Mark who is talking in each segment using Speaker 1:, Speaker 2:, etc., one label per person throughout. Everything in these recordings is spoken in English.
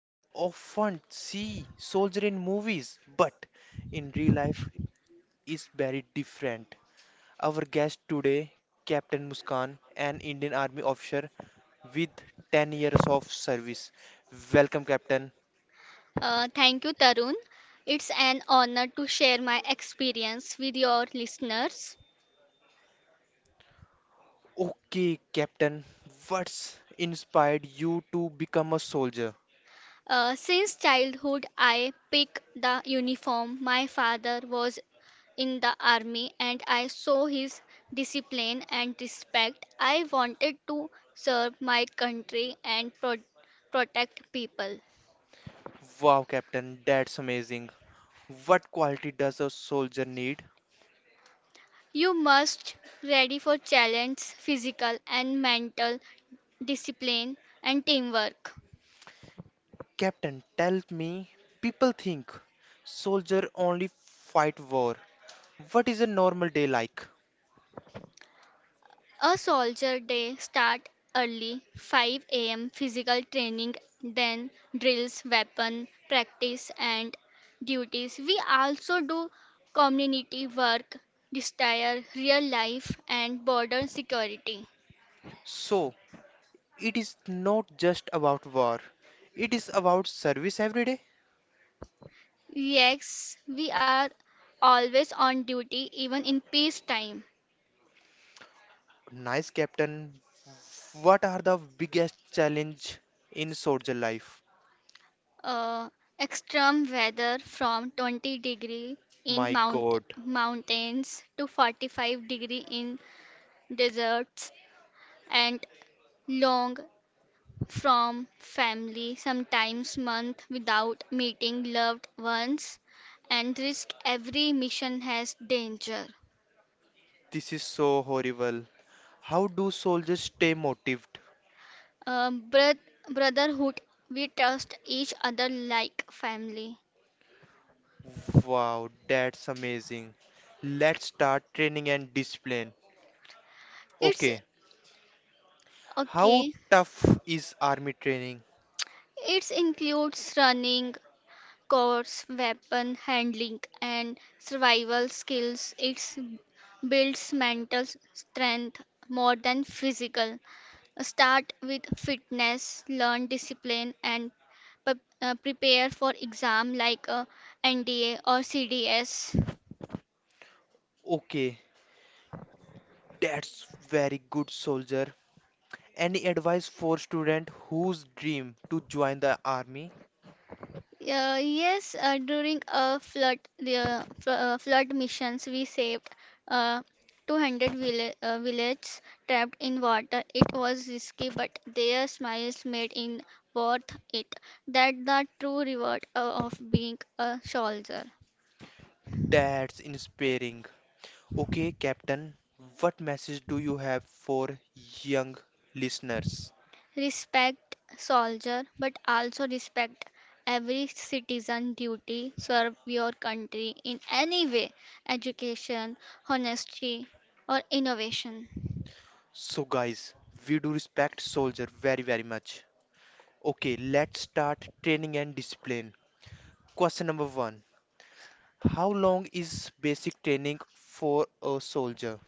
Speaker 1: We often see soldier in movies, but in real life is very different. Our guest today, Captain Muskan, an Indian Army officer with 10 years of service. Welcome Captain.
Speaker 2: Thank you, Tarun. It's an honor to share my experience with your listeners.
Speaker 1: Okay Captain, what's inspired you to become a soldier?
Speaker 2: Since childhood, I picked the uniform. My father was in the army and I saw his discipline and respect. I wanted to serve my country and pro- protect people.
Speaker 1: Wow Captain, that's amazing. What quality does a soldier need?
Speaker 2: You must ready for challenge, physical and mental discipline and teamwork.
Speaker 1: Captain, tell me. People think soldier only fight war. What is a normal day like?
Speaker 2: A soldier day start early 5 a.m. physical training, then drills, weapon practice and duties. We also do community work, desire real life and border security.
Speaker 1: So, it is not just about war. It is about service every day.
Speaker 2: Yes, we are always on duty even in peacetime.
Speaker 1: Nice, Captain. What are the biggest challenge in soldier life?
Speaker 2: uh, Extreme weather from 20 degree in
Speaker 1: My God,
Speaker 2: mountains to 45 degree in deserts, and long from family, sometimes months without meeting loved ones, and risk every mission has danger.
Speaker 1: this is so horrible. How do soldiers stay motivated?
Speaker 2: Brotherhood, we trust each other like family.
Speaker 1: Wow, that's amazing. Let's start training and discipline.
Speaker 2: It's
Speaker 1: Okay, how
Speaker 2: okay.
Speaker 1: tough is army training?
Speaker 2: It includes running, course, weapon handling, and survival skills. It builds mental strength more than physical. Start with fitness, learn discipline, and prepare for exam like NDA or CDS.
Speaker 1: Okay, that's very good soldier. Any advice for student whose dream to join the army?
Speaker 2: Yes, during a flood flood missions, we saved uh, 200 villages trapped in water. It was risky, but their smiles made it worth it. That's the true reward of being a soldier.
Speaker 1: That's inspiring. Okay, Captain, what message do you have for young listeners?
Speaker 2: Respect soldier, but also respect every citizen duty, serve your country in any way, education, honesty or innovation.
Speaker 1: So guys, we do respect soldier very much. Okay, let's start training and discipline. Question number one. How long is basic training for a soldier?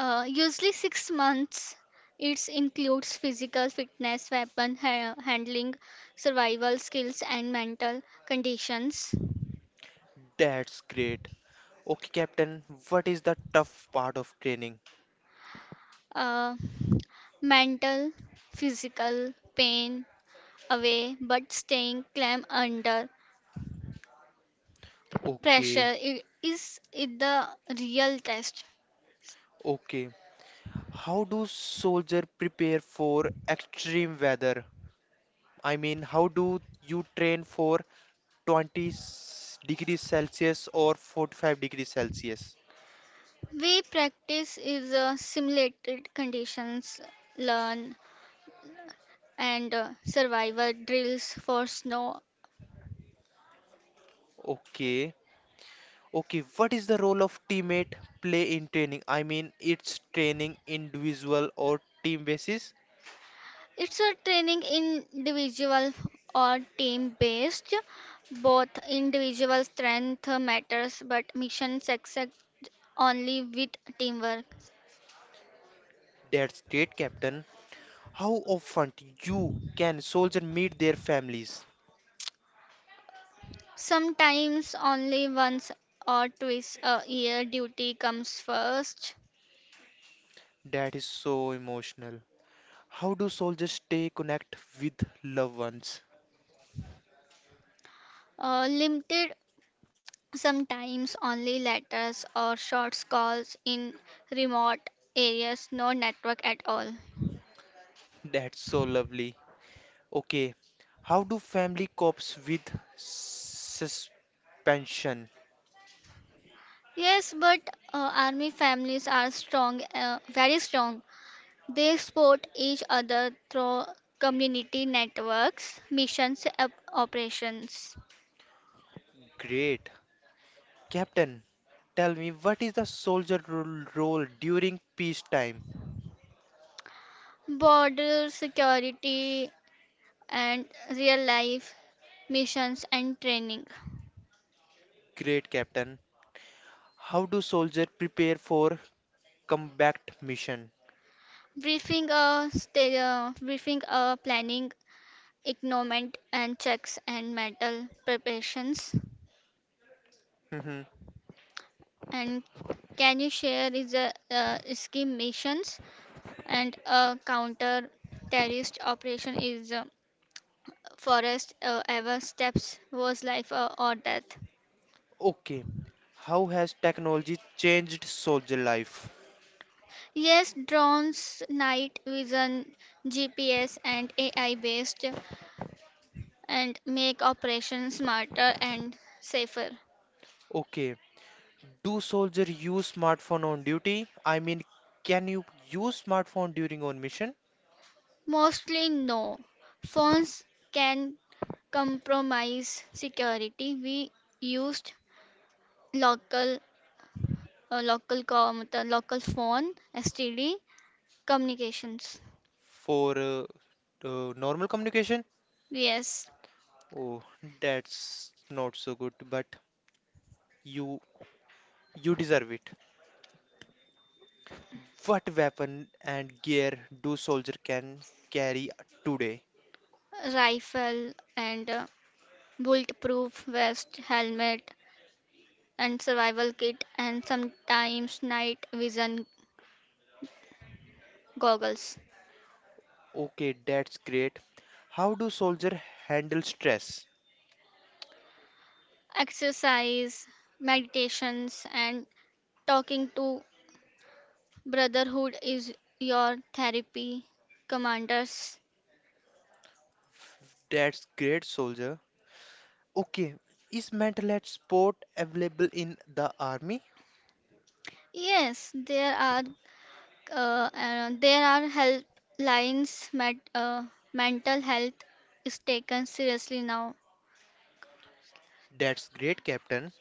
Speaker 2: Usually 6 months, it includes physical fitness, handling, survival skills and mental conditions.
Speaker 1: That's great. Okay, Captain, what is the tough part of training?
Speaker 2: uh, Mental, physical pain away, but staying calm under pressure
Speaker 1: Okay,
Speaker 2: is it the real test.
Speaker 1: okay. How do soldier prepare for extreme weather? I mean, how do you train for degrees Celsius or 45 degrees Celsius?
Speaker 2: We practice is simulated conditions, learn and survival drills for snow.
Speaker 1: Okay. Okay, what is the role of teammate play in training? I mean, it's training individual or team basis.
Speaker 2: It's a training in individual or team based, both individual strength matters, but mission success only with teamwork.
Speaker 1: That's great, Captain. How often you can soldier meet their families?
Speaker 2: Sometimes only once or twice a year, duty comes first.
Speaker 1: That is so emotional. How do soldiers stay connect with loved ones?
Speaker 2: Limited. Sometimes only letters or short calls. In remote areas, no network at all.
Speaker 1: That's so lovely. Okay, how do family copes with suspension?
Speaker 2: Yes, but army families are strong, very strong. They support each other through community networks, missions, operations,
Speaker 1: Great. Captain, tell me what is the role during peacetime?
Speaker 2: border security, and real life missions and training.
Speaker 1: Great Captain. How do soldiers prepare for combat mission?
Speaker 2: Briefing, planning, equipment and checks and metal preparations.
Speaker 1: Mhm.
Speaker 2: And can you share is a ski missions and a counter terrorist operation is forest ever steps was life or death.
Speaker 1: Okay. How has technology changed soldier life?
Speaker 2: Yes, drones, night vision, GPS and AI based, and make operations smarter and safer.
Speaker 1: Okay. Do soldier use smartphone on duty? I mean, can you use smartphone during on mission
Speaker 2: Mostly no. Phones can compromise security. We used local local com the local phone STD communications.
Speaker 1: for normal communication?
Speaker 2: Yes,
Speaker 1: Oh, that's not so good, but you you deserve it. What weapon and gear do soldier can carry today?
Speaker 2: rifle and bulletproof vest, helmet and survival kit, and sometimes night vision goggles.
Speaker 1: Okay, that's great. How do soldier handle stress?
Speaker 2: Exercise, meditations and talking to brotherhood is your therapy, commanders.
Speaker 1: That's great, soldier. Okay, is mental health support available in the army?
Speaker 2: Yes, there are helplines. Mental health is taken seriously now.
Speaker 1: That's great, captain.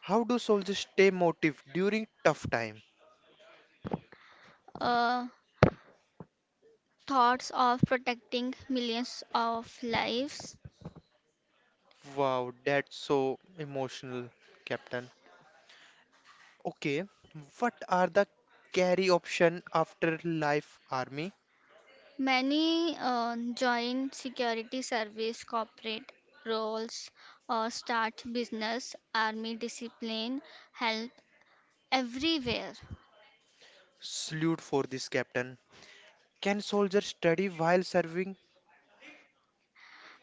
Speaker 1: How do soldiers stay motivated during tough time?
Speaker 2: Uh, Thoughts of protecting millions of lives.
Speaker 1: Wow, that's so emotional, captain. Okay, what are the carry option after life army?
Speaker 2: Many join security service, corporate roles, or start business, army discipline help everywhere.
Speaker 1: Salute for this, captain. Can soldiers study while serving?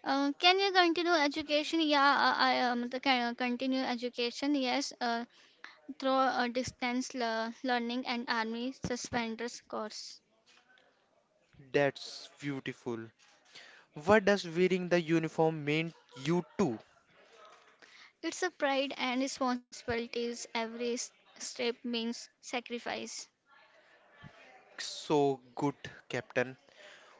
Speaker 2: Can you continue education? Yeah, I the can continue education. Yes, through a distance learning and army suspenders course.
Speaker 1: That's beautiful. What does wearing the uniform mean you too?
Speaker 2: It's a pride and responsibilities. Step means sacrifice.
Speaker 1: So good, Captain.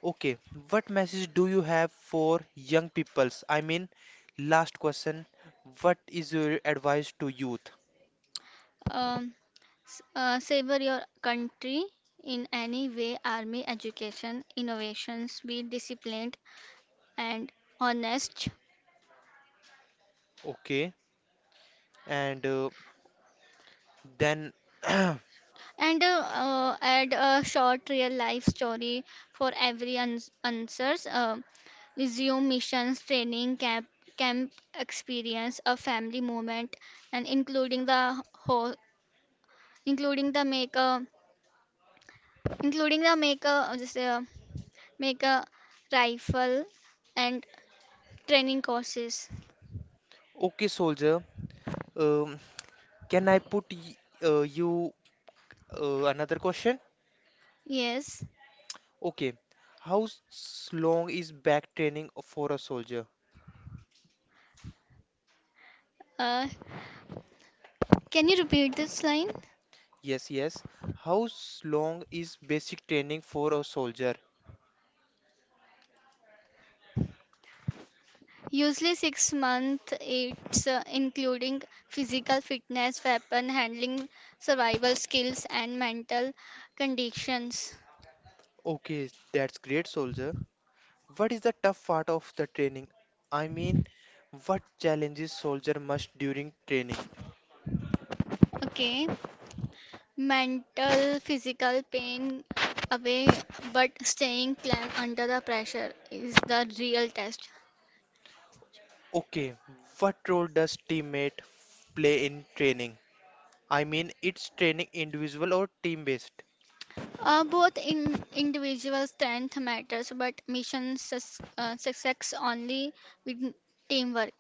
Speaker 1: Okay, what message do you have for young peoples? I mean, last question. What is your advice to youth?
Speaker 2: Um, Savor your country in any way. Army, education, innovations. Be disciplined and honest.
Speaker 1: Okay, and then,
Speaker 2: And add a short real life story for every answers. Resume missions, training camp experience, a family moment and including the whole including the make a including the make a just make a rifle and training courses.
Speaker 1: okay, soldier. Um, can I put y you another question?
Speaker 2: Yes,
Speaker 1: Okay, how long is back training for a soldier?
Speaker 2: uh, can you repeat this line?
Speaker 1: Yes, yes. How long is basic training for a soldier?
Speaker 2: Usually 6 months, it's including physical fitness, weapon handling, survival skills, and mental conditions.
Speaker 1: Okay, that's great, soldier. What is the tough part of the training? I mean, what challenges soldier must during training?
Speaker 2: Okay, mental, physical pain away, but staying calm under the pressure is the real test.
Speaker 1: Okay, what role does teammate play in training? I mean, it's training individual or team based.
Speaker 2: Both in individual strength matters, but mission success only with teamwork.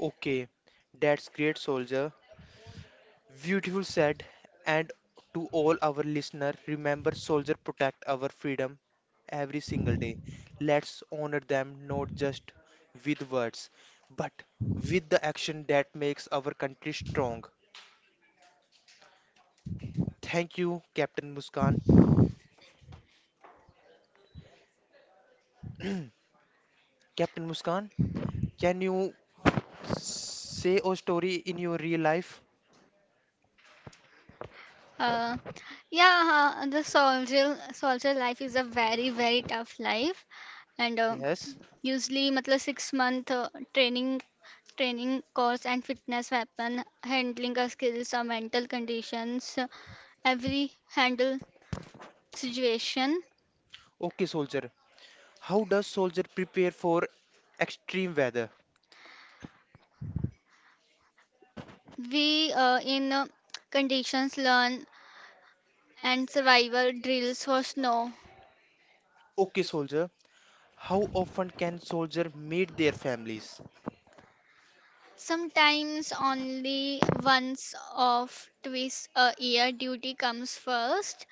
Speaker 1: Okay, that's great, soldier. Beautiful said, and to all our listener, remember soldier, protect our freedom every single day. Let's honor them not just with words, but with the action that makes our country strong. Thank you, Captain Muskan. Captain Muskan, can you say a story in your real life?
Speaker 2: Uh, yeah, the soldier life is a very tough life, and
Speaker 1: Yes.
Speaker 2: usually, मतलब 6 month training, course and fitness, weapon handling, skills or mental conditions, every handle situation.
Speaker 1: Okay, soldier. How does soldier prepare for extreme weather?
Speaker 2: We in conditions learn and survival drills for snow.
Speaker 1: Okay, soldier. How often can soldier meet their families?
Speaker 2: Sometimes only once of twice a year, duty comes first.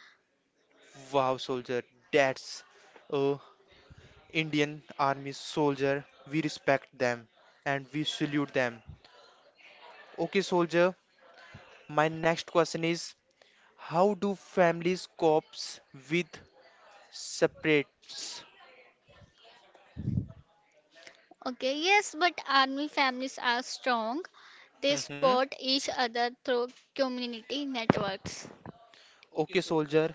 Speaker 1: Wow, soldier, that's uh, Indian Army soldier. We respect them and we salute them. Okay, soldier, my next question is, how do families copes with separates?
Speaker 2: Okay, yes, but army families are strong. They
Speaker 1: Mhm.
Speaker 2: support each other through community networks.
Speaker 1: Okay, soldier,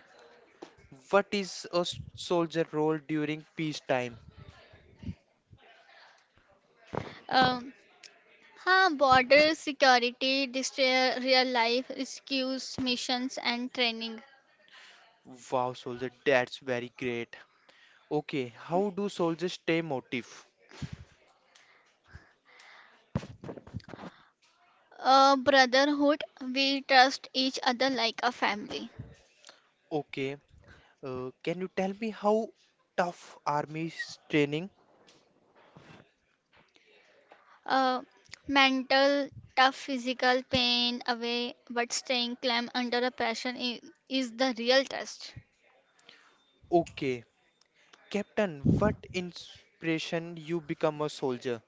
Speaker 1: what is a soldier role during peacetime?
Speaker 2: Um, Border security, destroy real life rescues, missions, and training.
Speaker 1: Wow, soldier, that's very great. Okay, how do soldiers stay motive?
Speaker 2: Brotherhood, we trust each other like a family.
Speaker 1: Okay, can you tell me how tough army's training?
Speaker 2: Uh, Mental, tough physical pain away, but staying calm under a pressure is the real test.
Speaker 1: Okay, Captain, what inspiration you become a soldier?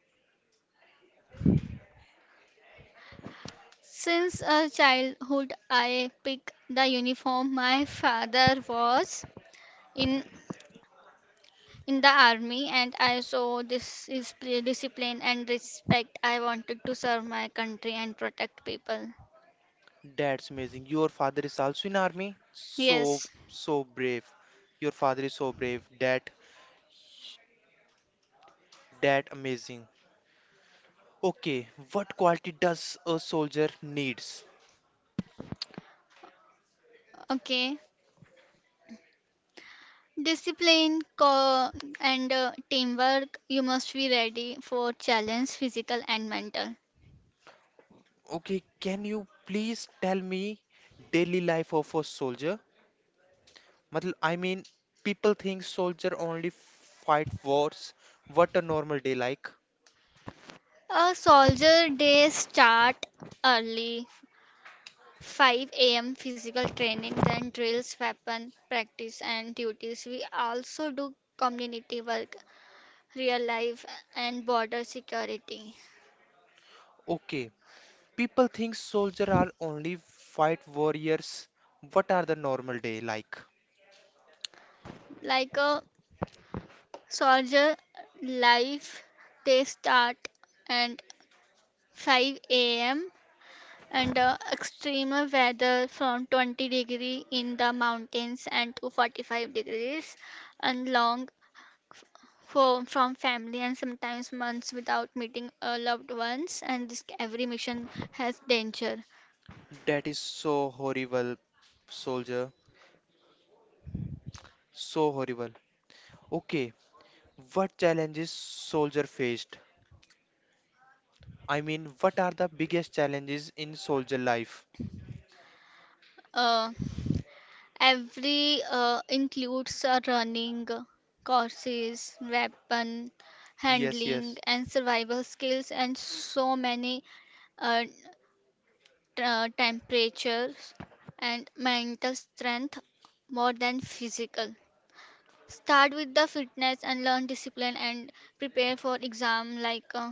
Speaker 2: Since a childhood, I pick the uniform. My father was in in the army, and I saw this is discipline and respect. I wanted to serve my country and protect people.
Speaker 1: That's amazing. Your father is also in army. So,
Speaker 2: Yes.
Speaker 1: so brave. Your father is so brave. That amazing. Okay, what quality does a soldier needs?
Speaker 2: Okay. Discipline co- and teamwork. You must be ready for challenge, physical and mental.
Speaker 1: Okay, can you please tell me daily life of a soldier? मतलब I mean, people think soldier only fight wars. What a normal day like.
Speaker 2: A soldier day start early 5 a.m. physical training, then drills, weapon practice, and duties. We also do community work, real life, and border security.
Speaker 1: Okay, people think soldier are only fight warriors. What are the normal day like?
Speaker 2: Like a soldier life, they start at 5 a.m. and extreme weather from 20 degree in the mountains and to 45 degrees, and long for from family, and sometimes months without meeting loved ones, and this every mission has danger.
Speaker 1: That is so horrible, soldier. So horrible. Okay, what challenges soldier faced? I mean, what are the biggest challenges in soldier life?
Speaker 2: Uh, every Includes running courses, weapon
Speaker 1: Yes,
Speaker 2: handling
Speaker 1: yes.
Speaker 2: and survival skills, and so many uh, temperatures and mental strength more than physical. Start with the fitness and learn discipline, and prepare for exam like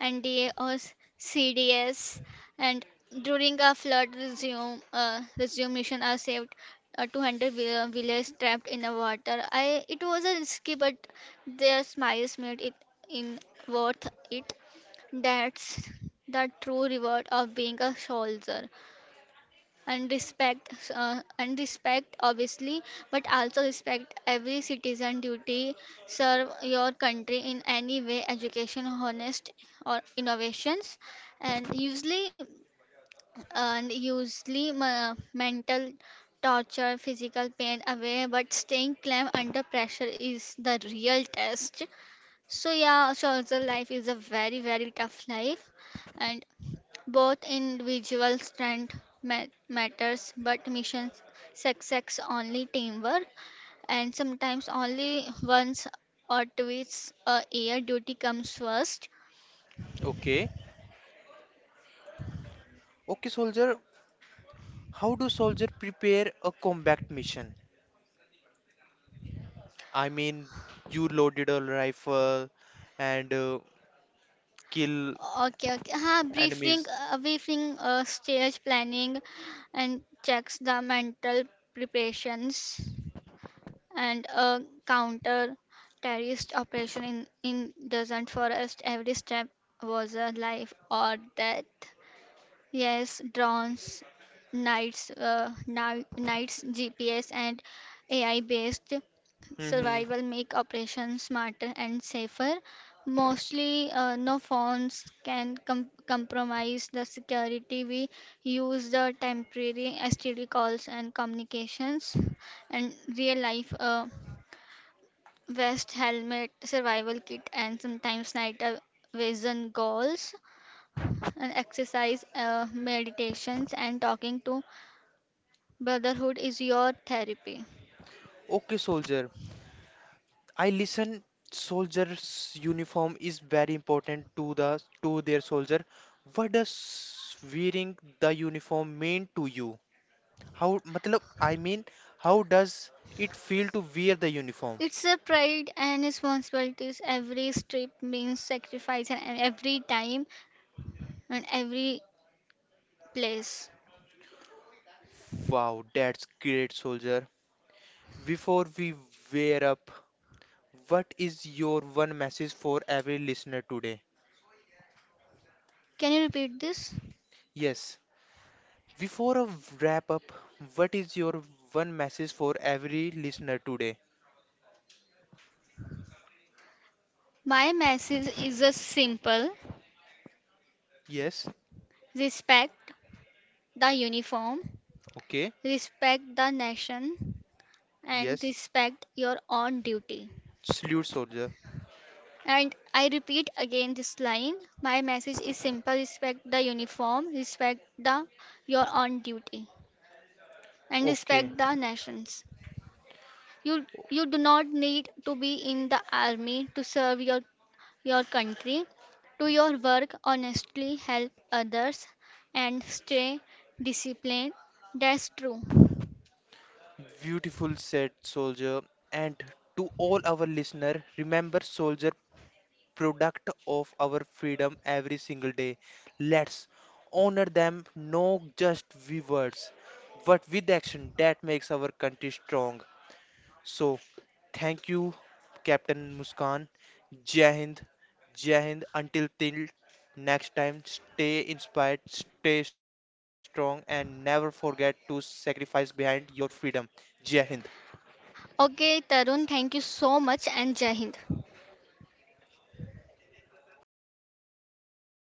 Speaker 2: NDA CDS. And during a flood, resume mission are saved 200 villagers trapped in the water. I It was a risky, but their smiles made it in worth it. That's the true reward of being a soldier. And respect obviously, but also respect every citizen duty. Serve your country in any way, education, honest or innovations. And usually and usually ma- mental torture, physical pain away, but staying calm under pressure is the real test. So yeah, social life is a very tough life. And both individual strength matters, but mission success only teamwork. And sometimes only once or twice a year, duty comes first.
Speaker 1: Okay. Okay, soldier, how do soldier prepare a combat mission? I mean, you loaded a rifle and kill
Speaker 2: Okay, okay. Huh? briefing,
Speaker 1: enemies.
Speaker 2: uh, briefing, uh, stage planning, and checks the mental preparations, and a counter terrorist operation in doesn't forest. Every step was a life or death. Yes, drones, nights, GPS, and AI-based
Speaker 1: Hmm.
Speaker 2: survival, make operations smarter and safer. Mostly, no phones can compromise the security. We use the temporary STD calls and communications, and real-life vest, helmet, survival kit, and sometimes night vision goggles. And exercise, meditations, and talking to brotherhood is your therapy.
Speaker 1: Okay, soldier. I listen. Soldier's uniform is very important to their soldier. What does wearing the uniform mean to you? How, matlab, I mean, how does it feel to wear the uniform?
Speaker 2: It's a pride and responsibilities. Every strip means sacrifice, and every time and every place.
Speaker 1: Wow, that's great, soldier. Before we wear up, what is your one message for every listener today?
Speaker 2: Can you repeat this?
Speaker 1: Yes. Before a wrap up, what is your one message for every listener today?
Speaker 2: My message is a simple,
Speaker 1: Yes.
Speaker 2: respect the uniform,
Speaker 1: Okay.
Speaker 2: respect the nation, and
Speaker 1: Yes.
Speaker 2: respect your own duty.
Speaker 1: Salute, soldier.
Speaker 2: And I repeat again this line. My message is simple, respect the uniform, respect the your on duty, and
Speaker 1: Okay.
Speaker 2: respect the nations. You do not need to be in the army to serve your country. Do your work honestly, help others, and stay disciplined. That's true.
Speaker 1: Beautiful said, soldier. And to all our listener, remember, soldier, product of our freedom every single day. Let's honor them, not just with words, but with action that makes our country strong. So thank you, Captain Muskan. Jai Hind, Jai Hind. Until till next time, stay inspired, stay strong, and never forget to sacrifice behind your freedom. Jai Hind.
Speaker 2: Okay, Tarun, thank you so much, and Jai Hind.